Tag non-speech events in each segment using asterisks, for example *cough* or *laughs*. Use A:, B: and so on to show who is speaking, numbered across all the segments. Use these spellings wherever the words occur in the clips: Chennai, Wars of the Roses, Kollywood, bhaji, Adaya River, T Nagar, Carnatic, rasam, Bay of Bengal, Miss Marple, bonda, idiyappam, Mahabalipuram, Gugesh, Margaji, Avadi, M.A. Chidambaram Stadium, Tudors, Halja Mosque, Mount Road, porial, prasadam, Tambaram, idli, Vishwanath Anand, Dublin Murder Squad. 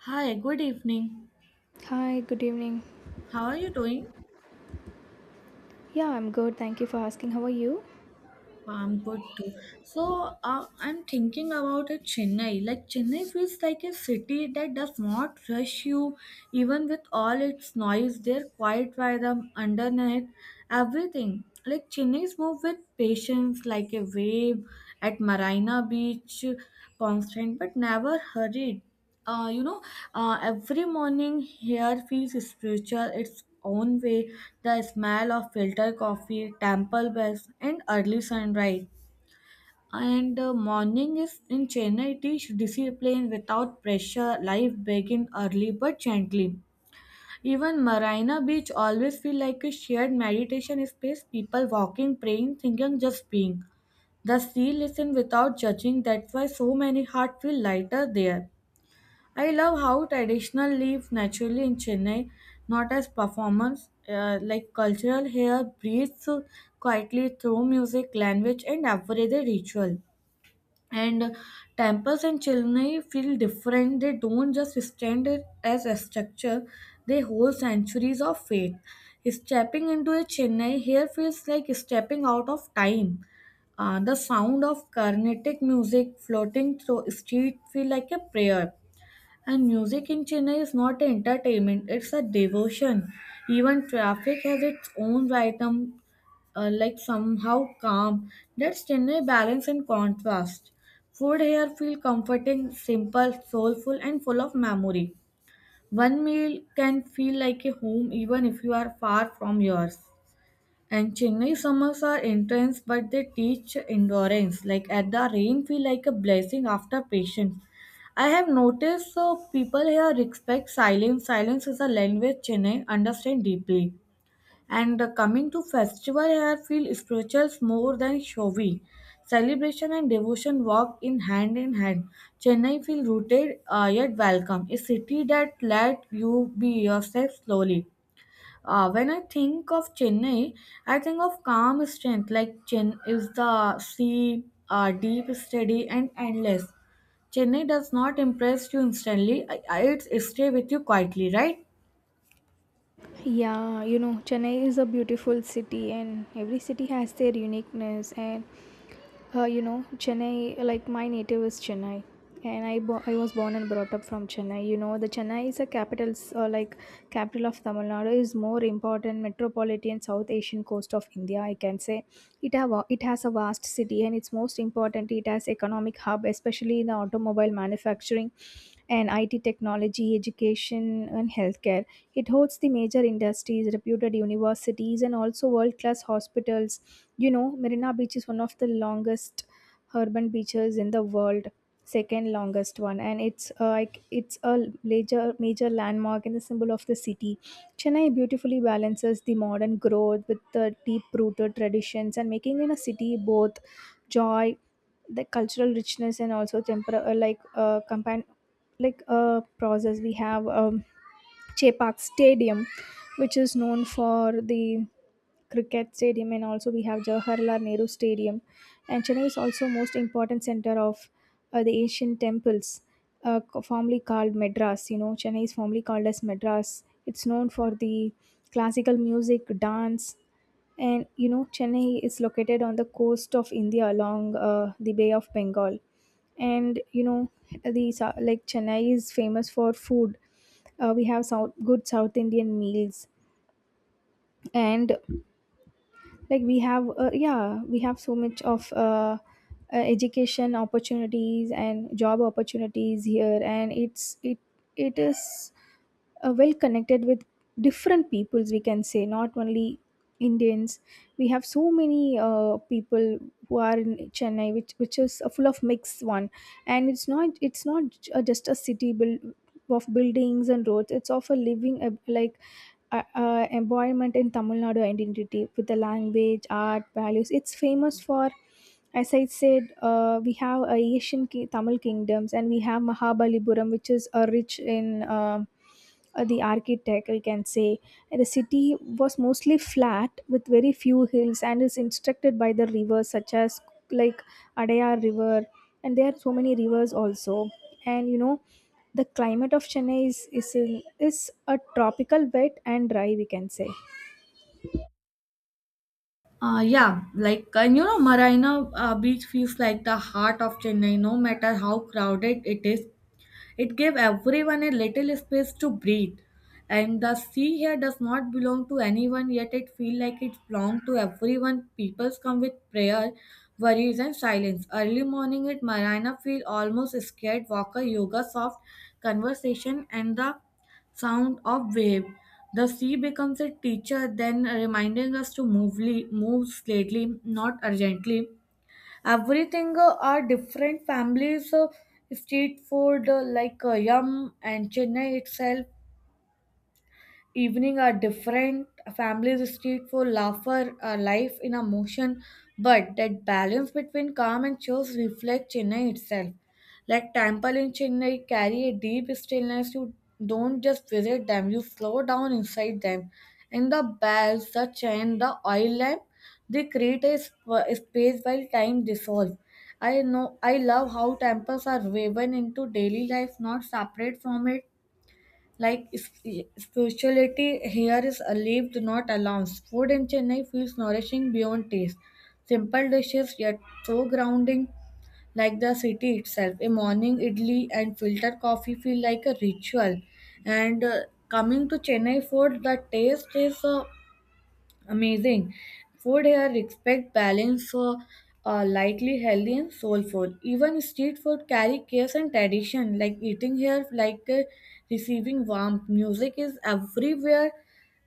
A: Hi, good evening.
B: Hi, good evening.
A: How are you doing?
B: Yeah, I'm good. Thank you for asking. How are you?
A: I'm good too. So, I'm thinking about a Chennai. Like Chennai feels like a city that does not rush you, even with all its noise. They're quiet rhythm underneath everything. Like Chennai's move with patience, like a wave at Marina Beach, constant but never hurried. uh, you know, every morning here feels spiritual its own way. The smell of filtered coffee, temple bells, and early sunrise. And the morning is in Chennai, it is discipline without pressure. Life begins early but gently. Even Marina Beach always feel like a shared meditation space. People walking, praying, thinking, just being. The sea listen without judging. That's why so many hearts feel lighter there. I love how traditional live naturally in Chennai, not as performance. Like cultural hair breathes quietly through music, language, and everyday ritual. And Temples in Chennai feel different. They don't just stand as a structure; they hold centuries of faith. Stepping into a Chennai here feels like stepping out of time. The sound of Carnatic music floating through street feel like a prayer and music in Chennai is not entertainment, it's a devotion. Even traffic has its own rhythm, like somehow calm. That's Chennai balance and contrast. Food here feel comforting, simple, soulful, and full of memory. One meal can feel like a home even if you are far from yours. And Chennai summers are intense, but they teach endurance. Like at the rain, feel like a blessing after patience. I have noticed so people here respect silence. Silence is a language Chennai understand deeply. And Coming to festival here, feel spirituals more than showy. Celebration and devotion walk in hand in hand. Chennai feel rooted yet welcome. A city that let you be yourself slowly. When I think of Chennai, I think of calm strength, like Chen is the sea, deep, steady, and endless. Chennai does not impress you instantly. I, it stay with you quietly, right?
B: Yeah, you know, Chennai is a beautiful city, and every city has their uniqueness. And You know, Chennai, like my native is Chennai, and I was born and brought up from Chennai. You know, the Chennai is a capital, s- like capital of Tamil Nadu, is more important metropolitan South Asian coast of India. I can say it has a vast city, and it's most important. It has economic hub, especially in the automobile manufacturing and IT technology, education, and healthcare. It hosts the major industries, reputed universities, and also world class hospitals. You know, Marina Beach is one of the longest urban beaches in the world, second longest one, and it's a major landmark and the symbol of the city. Chennai beautifully balances the modern growth with the deep rooted traditions and making it a city both joy, the cultural richness, and also temper like compan- like a process we have Che Stadium, which is known for the cricket stadium, and also we have Jawaharlal Nehru Stadium. And Chennai is also most important center of the Asian temples, formerly called Madras. You know, Chennai is formerly called as Madras. It's known for the classical music, dance, and you know, Chennai is located on the coast of India along the Bay of Bengal. And you know, the sou- like Chennai is famous for food. We have good South Indian meals, and like we have, yeah, we have so much of education opportunities and job opportunities here, and it is well connected with different peoples we can say, not only indians. We have so many people who are in chennai, which is a full of mixed one. And it's not just a city build of buildings and roads. It's of a living embodiment in Tamil Nadu identity with the language, art, values. It's famous for, as I said, we have Tamil kingdoms, and we have Mahabalipuram, which is rich in the architect, we can say. And the city was mostly flat with very few hills and is instructed by the rivers such as, like, Adaya River. And there are so many rivers also. And you know, the climate of chennai is a tropical wet and dry, we can say.
A: Yeah, like and you know, Marina Beach feels like the heart of Chennai, no matter how crowded it is. It gave everyone a little space to breathe. And the sea here does not belong to anyone, yet it feels like it belongs to everyone. Peoples come with prayer, worries, and silence. Early morning at Marina feel almost scared. Walker, yoga, soft conversation, and the sound of wave. The sea becomes a teacher, then reminding us to move slowly, not urgently everything are different families street food yum and chennai itself evening are different families street for laughter life in a motion but that balance between calm and shows reflect chennai itself like temple in chennai carry a deep stillness you don't just visit them you slow down inside them and the bells the chant the oil lamp they create a space while time dissolves I know I love how temples are woven into daily life not separate from it like spirituality here is a lived, not announced. Food in Chennai feels nourishing beyond taste. Simple dishes yet so grounding, like the city itself. A morning idli and filter coffee feel like a ritual. And Coming to Chennai food, the taste is amazing. Food here respect balance for lightly healthy and soulful. Even street food carry cares and tradition. Like eating here, like receiving warmth. Music is everywhere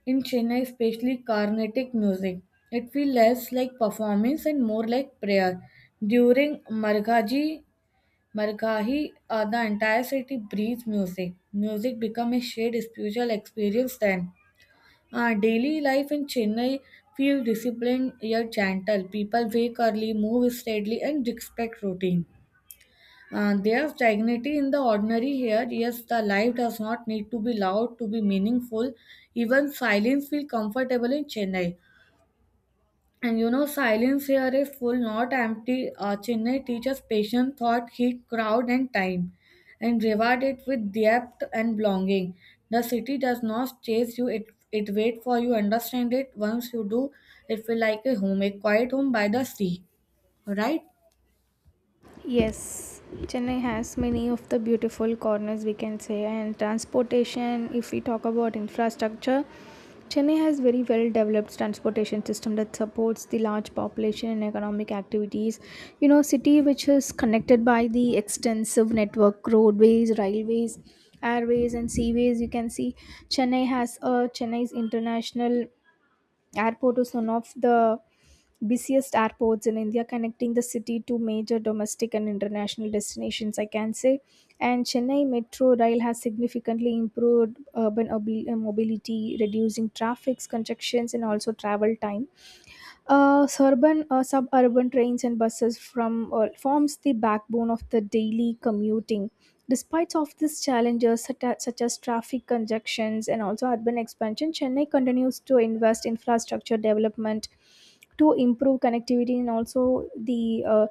A: in Chennai, especially Carnatic music. It feels less like performance and more like prayer. During Margahi, the entire city breathes music. Music become a shared spiritual experience then. Daily life in Chennai feels disciplined yet gentle. People wake early, move steadily, and respect routine. There's dignity in the ordinary here. Yes, the life does not need to be loud to be meaningful. Even silence feels comfortable in Chennai. And you know, silence here is full, not empty. Chennai teaches patience, thought, heat, crowd, and time, and reward it with depth and belonging. The city does not chase you; it waits for you. Understand it. Once you do, it feel like a home, a quiet home by the sea. Right?
B: Yes, Chennai has many of the beautiful corners, we can say, and transportation. If we talk about infrastructure, Chennai has very well developed transportation system that supports the large population and economic activities. You know, city which is connected by the extensive network roadways, railways, airways, and seaways. You can see Chennai has a Chennai's international airport is one of the busiest airports in India, connecting the city to major domestic and international destinations, I can say. And Chennai Metro Rail has significantly improved urban mobility, reducing traffic congestions and also travel time. Urban or suburban trains and buses from forms the backbone of the daily commuting. Despite of these challenges such as traffic congestions and also urban expansion, Chennai continues to invest infrastructure development to improve connectivity and also the uh,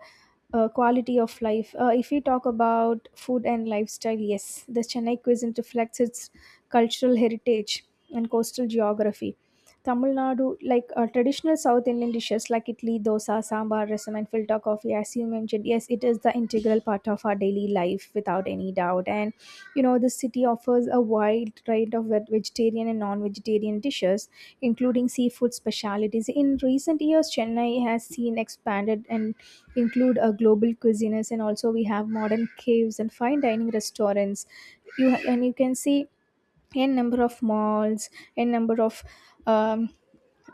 B: uh, quality of life. If we talk about food and lifestyle, yes, the Chennai cuisine reflects its cultural heritage and coastal geography Tamil Nadu, like traditional South Indian dishes like idli, dosa, sambar, rasam, and filter coffee, as you mentioned, yes, it is the integral part of our daily life without any doubt. And you know, the city offers a wide range of vegetarian and non-vegetarian dishes, including seafood specialities. In recent years, Chennai has seen expanded and include a global cuisines, and also we have modern caves and fine dining restaurants. You and you can see n number of malls, n number of um,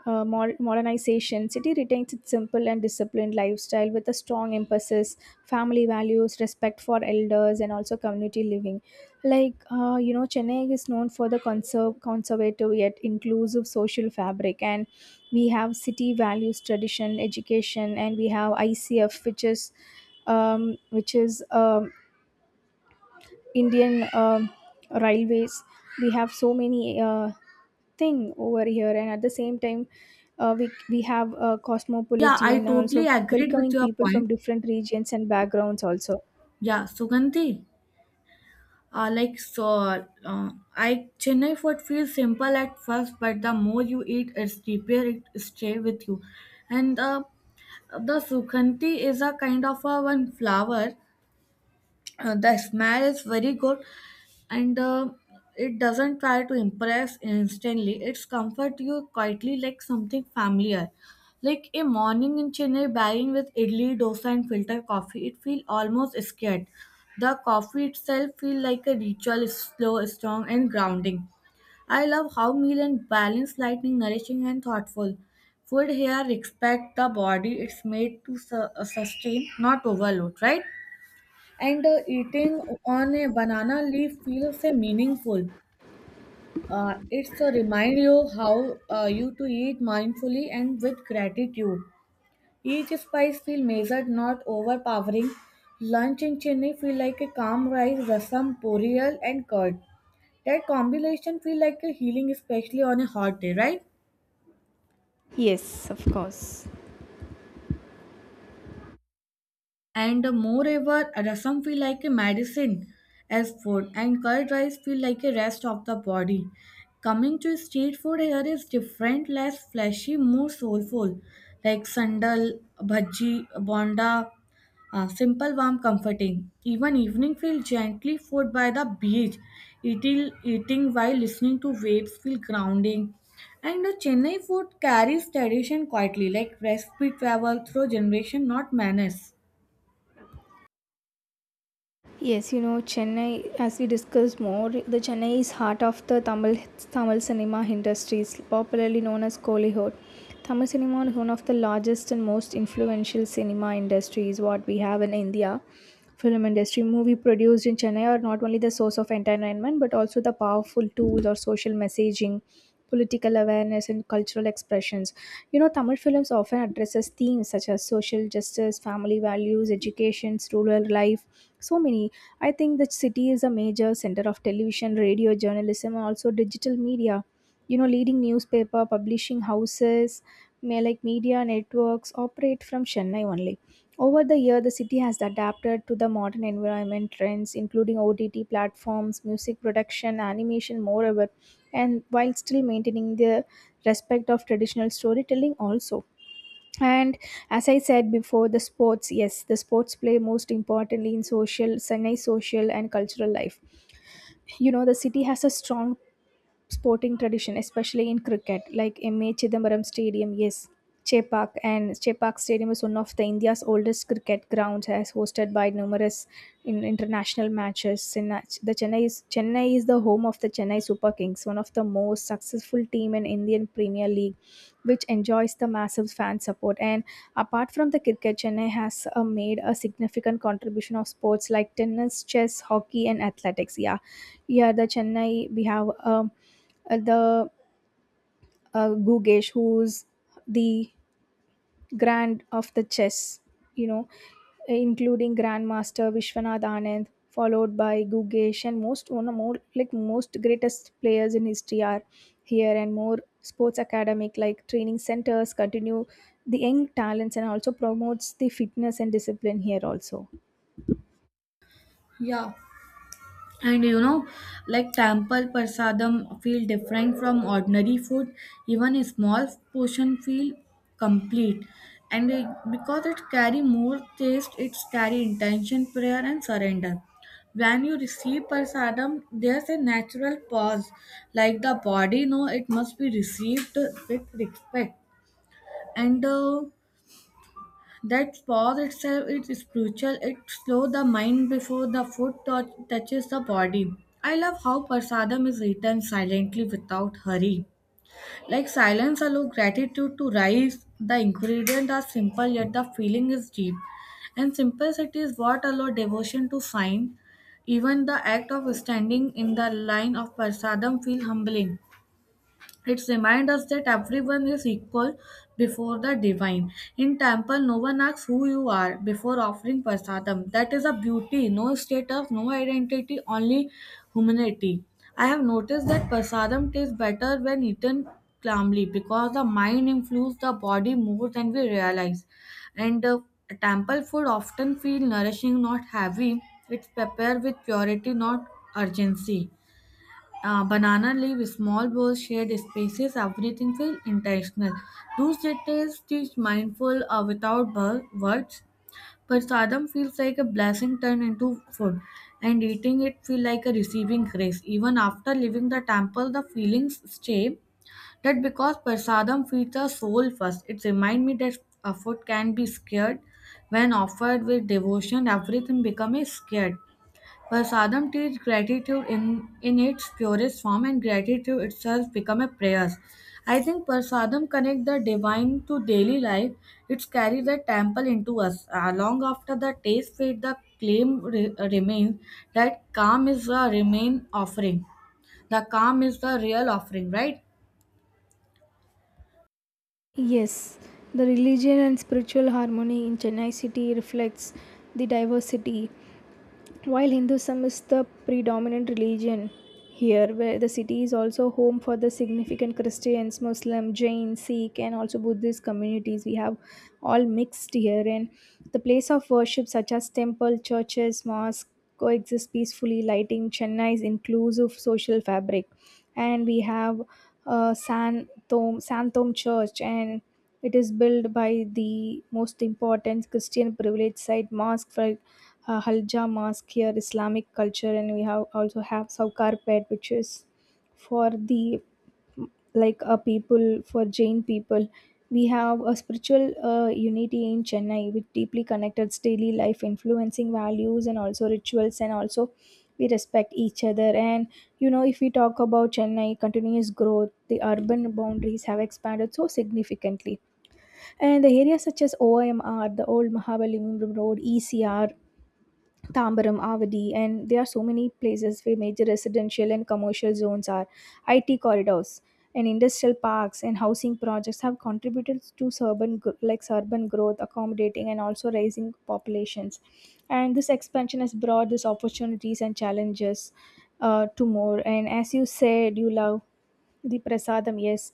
B: modernization. City retains its simple and disciplined lifestyle with a strong emphasis, family values, respect for elders, and also community living. You know, Chennai is known for the conservative yet inclusive social fabric, and we have city values, tradition, education, and we have ICF, which is um, which is um, Indian railways. We have so many thing over here. And at the same time, we have
A: Yeah, I
B: cosmopolitan
A: totally
B: also,
A: agreed with
B: welcoming
A: your
B: people
A: point.
B: from different regions and backgrounds also.
A: Yeah, Sugandhi. Like so, I Chennai food feels simple at first, but the more you eat, it's deeper. It stay with you, and the sukhanti is a kind of a one flower. The smell is very good, and it doesn't try to impress instantly. It's comfort you quietly like something familiar. Like a morning in Chennai, buying with idli, dosa, and filter coffee, it feel almost scared. The coffee itself feel like a ritual, slow, strong, and grounding. I love how meal and balanced lightning, nourishing and thoughtful. Food here respect the body. It's made to sustain, not overload, right? And Eating on a banana leaf feels meaningful. It's a remind you how you to eat mindfully and with gratitude. Each spice feel measured, not overpowering. Lunch in Chennai feel like a calm rice, rasam, porial, and curd. That combination feel like a healing, especially on a hot day, right?
B: Yes, of course.
A: And moreover, rasam feel like a medicine as food, and curd rice feel like a rest of the body. Coming to street food here is different, less fleshy, more soulful, like sandal, bhaji, bonda, simple, warm, comforting. Even evening feel gently food by the beach. Eating while listening to waves feel grounding. And the Chennai food carries tradition quietly, like recipe travel through generation, not manners.
B: Yes, you know, Chennai, as we discussed more, the Chennai is heart of the Tamil cinema industries, popularly known as Kollywood. Tamil cinema is one of the largest and most influential cinema industries what we have in India. Film industry movie produced in Chennai are not only the source of entertainment but also the powerful tools or social messaging, political awareness, and cultural expressions. You know, tamil films often addresses themes such as social justice, family values, education, rural life, so many. I think the city is a major center of television, radio, journalism, and also digital media. You know, leading newspaper publishing houses may like media networks operate from chennai only. Over the year, the city has adapted to the modern environment trends, including ott platforms, music production, animation, moreover, and while still maintaining the respect of traditional storytelling also. And as I said before, the sports, yes, the sports play most importantly in social chennai social and cultural life. You know, the city has a strong sporting tradition, especially in cricket, like M.A. Chidambaram Stadium, yes, Chepauk, and Chepauk Stadium is one of the India's oldest cricket grounds, as hosted by numerous in international matches. Chennai- The Chennai is the home of the Chennai Super Kings, one of the most successful team in Indian Premier League, which enjoys the massive fan support. And apart from the cricket, Chennai has made a significant contribution of sports like tennis, chess, hockey, and athletics. Yeah, yeah. The Chennai we have. The Gugesh, who's the grand of the chess, you know, including Grandmaster Vishwanath Anand, followed by Gugesh, and most one of more like most greatest players in history are here. And more sports academic like training centers continue the young talents and also promotes the fitness and discipline here also.
A: Yeah. And you know, like temple prasadam feel different from ordinary food. Even a small portion feel complete. And because it carry more taste, it's carry intention, prayer and surrender. When you receive prasadam, there's a natural pause. Like the body know it must be received with respect. And That pause itself is spiritual. It slows the mind before the touches the body. I love how prasadam is eaten silently without hurry. Like silence allows gratitude to rise. The ingredients are simple yet the feeling is deep. And simplicity is what allows devotion to find. Even the act of standing in the line of prasadam feel humbling. It reminds us that everyone is equal before the divine. In temple, no one asks who you are before offering prasadam. That is a beauty, no status, no identity, only humanity. I have noticed that prasadam tastes better when eaten calmly because the mind influences the body more than we realize. And Temple food often feels nourishing, not heavy. It's prepared with purity, not urgency. Banana leaf, small bowls, shared spaces, everything feels intentional. Those details teach mindful without words. Prasadam feels like a blessing turned into food, and eating it feels like a receiving grace. Even after leaving the temple, the feelings stay. That because prasadam feeds the soul first, it reminds me that a food can be scared. When offered with devotion, everything becomes scared. Vasadam teaches gratitude in its purest form, and gratitude itself become a prayer. I think Prasadam connect the divine to daily life. It's carry the temple into us. Long after the taste fade, the remains that calm is the remain offering. The calm is the real offering, right?
B: Yes, the religion and spiritual harmony in Chennai city reflects the diversity. While Hinduism is the predominant religion here, where the city is also home for the significant Christians, Muslim, Jain, Sikh, and also Buddhist communities, we have all mixed here. And the place of worship, such as temple, churches, mosques, coexist peacefully, lighting Chennai's inclusive social fabric. And we have Santom Church, and it is built by the most important Christian privileged site mosque for Halja Mosque here, Islamic culture, and we have also have Saukarpet, which is for the like a people for Jain people. We have a spiritual unity in Chennai, which deeply connected daily life, influencing values and also rituals, and also we respect each other. And you know, if we talk about Chennai continuous growth, the urban boundaries have expanded so significantly, and the areas such as OMR, the old Mahabalipuram Road, ECR, Tambaram, Avadi, and there are so many places where major residential and commercial zones are, IT corridors, and industrial parks and housing projects have contributed to urban urban growth, accommodating and also rising populations. And this expansion has brought these opportunities and challenges to more. And as you said, you love the prasadam, yes,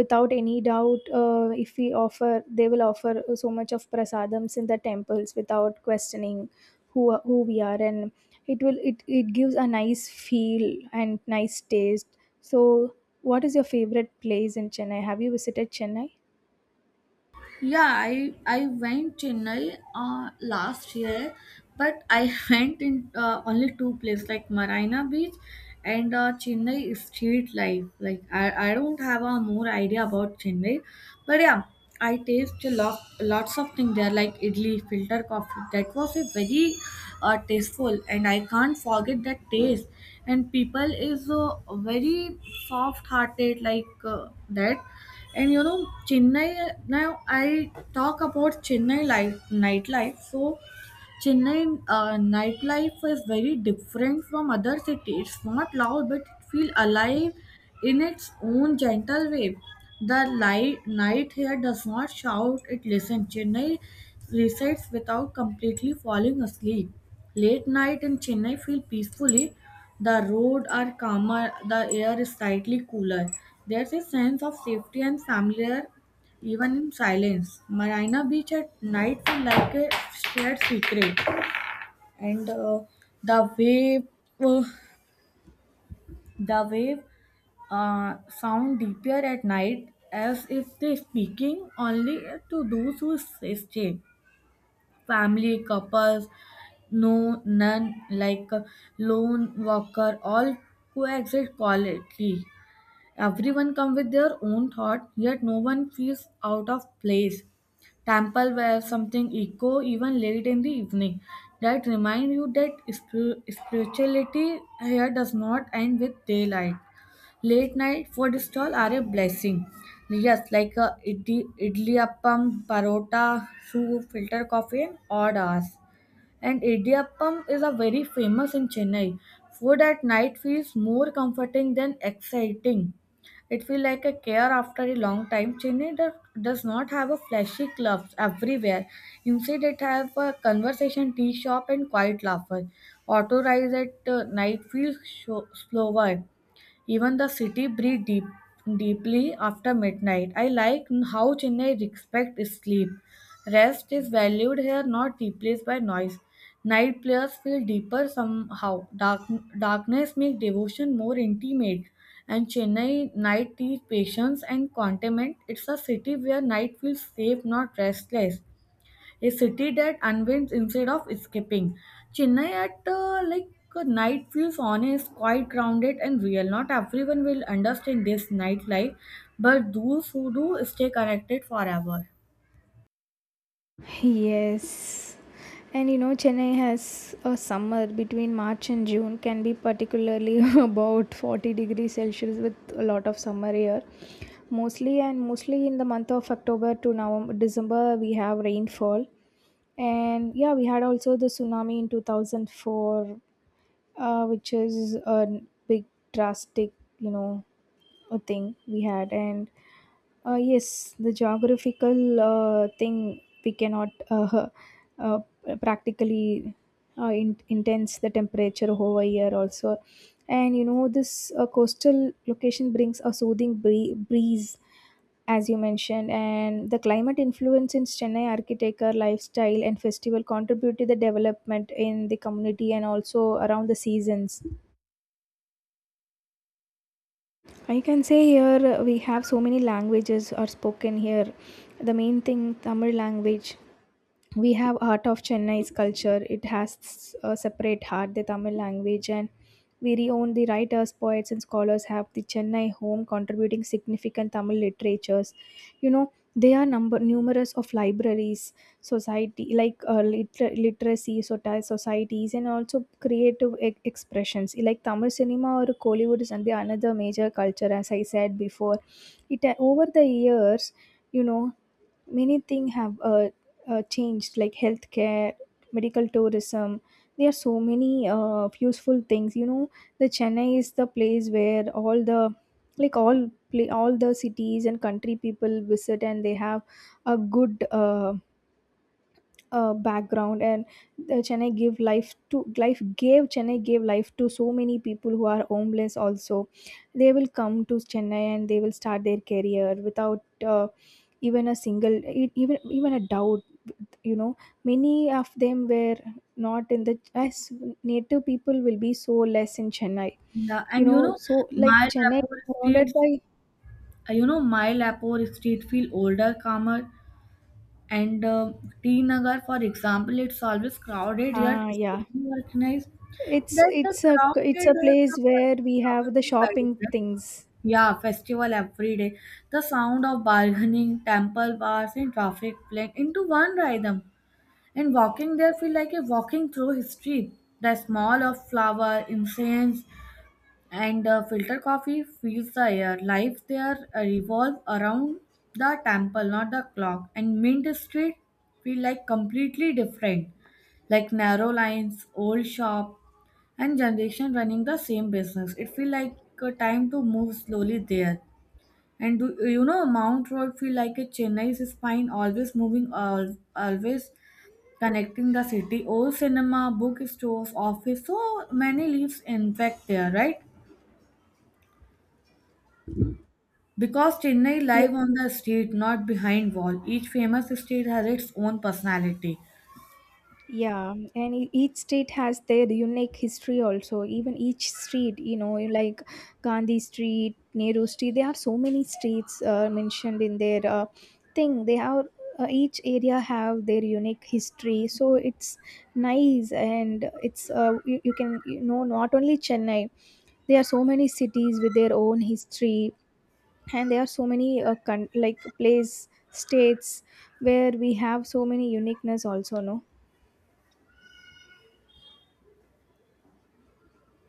B: without any doubt. If we offer, they will offer so much of prasadams in the temples without questioning who we are, and it gives a nice feel and nice taste. So what is your favorite place in chennai? Have you visited chennai?
A: Yeah, I went Chennai last year, but I *laughs* went in only two places like Marina Beach and Chennai street life. Like I don't have a more idea about Chennai, but yeah, I taste a lot lots of things there like idli, filter coffee. That was a very tasteful, and I can't forget that taste. And people is very soft hearted like that and you know, Chennai now I talk about Chennai life nightlife. So Chennai nightlife is very different from other cities. It's not loud, but it feels alive in its own gentle way. The light night here does not shout; it listens. Chennai resides without completely falling asleep. Late night in Chennai feel peacefully. The road are calmer. The air is slightly cooler. There's a sense of safety and familiar even in silence. Marina Beach at night feel like a shared secret and the wave uh, the wave sound deeper at night as if they speaking only to those who stay family couples no none like lone walker all coexist quietly. Everyone come with their own thought, yet no one feels out of place. Temple where something echo even late in the evening that remind you that spirituality here does not end with daylight. Late night food stall are a blessing. Yes, like idli appam, parota, soup, filter coffee, and odd hours and Idiyappam is a very famous in Chennai. Food at night feels more comforting than exciting. It feels like a care after a long time. Chennai does not have a flashy clubs everywhere. Instead, it has a conversation tea shop and quiet laughter. Auto rides at night feels slower even the city breathes deeply after midnight. I like how Chennai respects sleep. Rest is valued here, not replaced by noise. Night players feel deeper somehow. Darkness makes devotion more intimate. And Chennai night teaches patience and contentment. It's a city where night feels safe, not restless a city that unwinds instead of escaping. Chennai at night feels honest, quite grounded and real. Not everyone will understand this nightlife, but those who do stay connected forever.
B: Yes. And you know, Chennai has a summer between March and June can be particularly *laughs* about 40 degrees Celsius with a lot of summer here. Mostly, and mostly in the month of October to November, December, we have rainfall. And yeah, we had also the tsunami in 2004, which is a big drastic, you know, a thing we had. And yes, the geographical thing we cannot *laughs* uh, practically intense the temperature over here also. And you know, this coastal location brings a soothing breeze, as you mentioned, and the climate influence in Chennai architecture, lifestyle, and festival contribute to the development in the community and also around the seasons. I can say here we have so many languages are spoken here. The main thing Tamil language, we have heart of chennai's culture. It has a separate heart, the tamil language. And we reown the writers, poets, and scholars have the chennai home, contributing significant tamil literatures. You know, there are number numerous of libraries, society, literacy societies, and also creative expressions like tamil cinema or kollywood is another major culture. As I said before, it over the years, you know, many things have changed, like healthcare, medical tourism. There are so many useful things. You know, the chennai is the place where all the all the cities and country people visit, and they have a good background. And chennai gave life to so many people who are homeless also. They will come to chennai and they will start their career without uh, even a single even a doubt. You know, many of them were not in the as native people will be so less in chennai.
A: Yeah,
B: You
A: and you
B: know,
A: know,
B: so like
A: Mile
B: chennai is
A: Airport
B: surrounded
A: streets,
B: by,
A: you know, Mile Airport street feel older, calmer, and T Nagar, for example, it's always crowded yet
B: ah, yeah,
A: extremely organized.
B: it's
A: That the
B: it's a it's
A: crowded
B: a
A: has
B: place where
A: some
B: we have
A: shopping
B: the
A: to guide it,
B: shopping
A: right?
B: things.
A: Yeah, festival every day. The sound of bargaining, temple bars, and traffic blend into one rhythm. And walking there feel like a walking through history. The smell of flower, incense, and filter coffee fills the air. Life there revolves around the temple, not the clock. And Mint Street feel like completely different, like narrow lines, old shop, and generation running the same business. It feel like a time to move slowly there and do you know Mount Road feel like a Chennai's spine, always moving, always connecting the city. Old cinema, bookstores, office, so many lives in fact there, right? Because Chennai live on the street, not behind wall. Each famous street has its own personality.
B: Yeah, and each state has their unique history also. Even each street, you know, like Gandhi Street, Nehru Street, there are so many streets mentioned in their thing. They have each area have their unique history, so it's nice. And it's you can, you know, not only Chennai. There are so many cities with their own history, and there are so many place states where we have so many uniqueness also. No.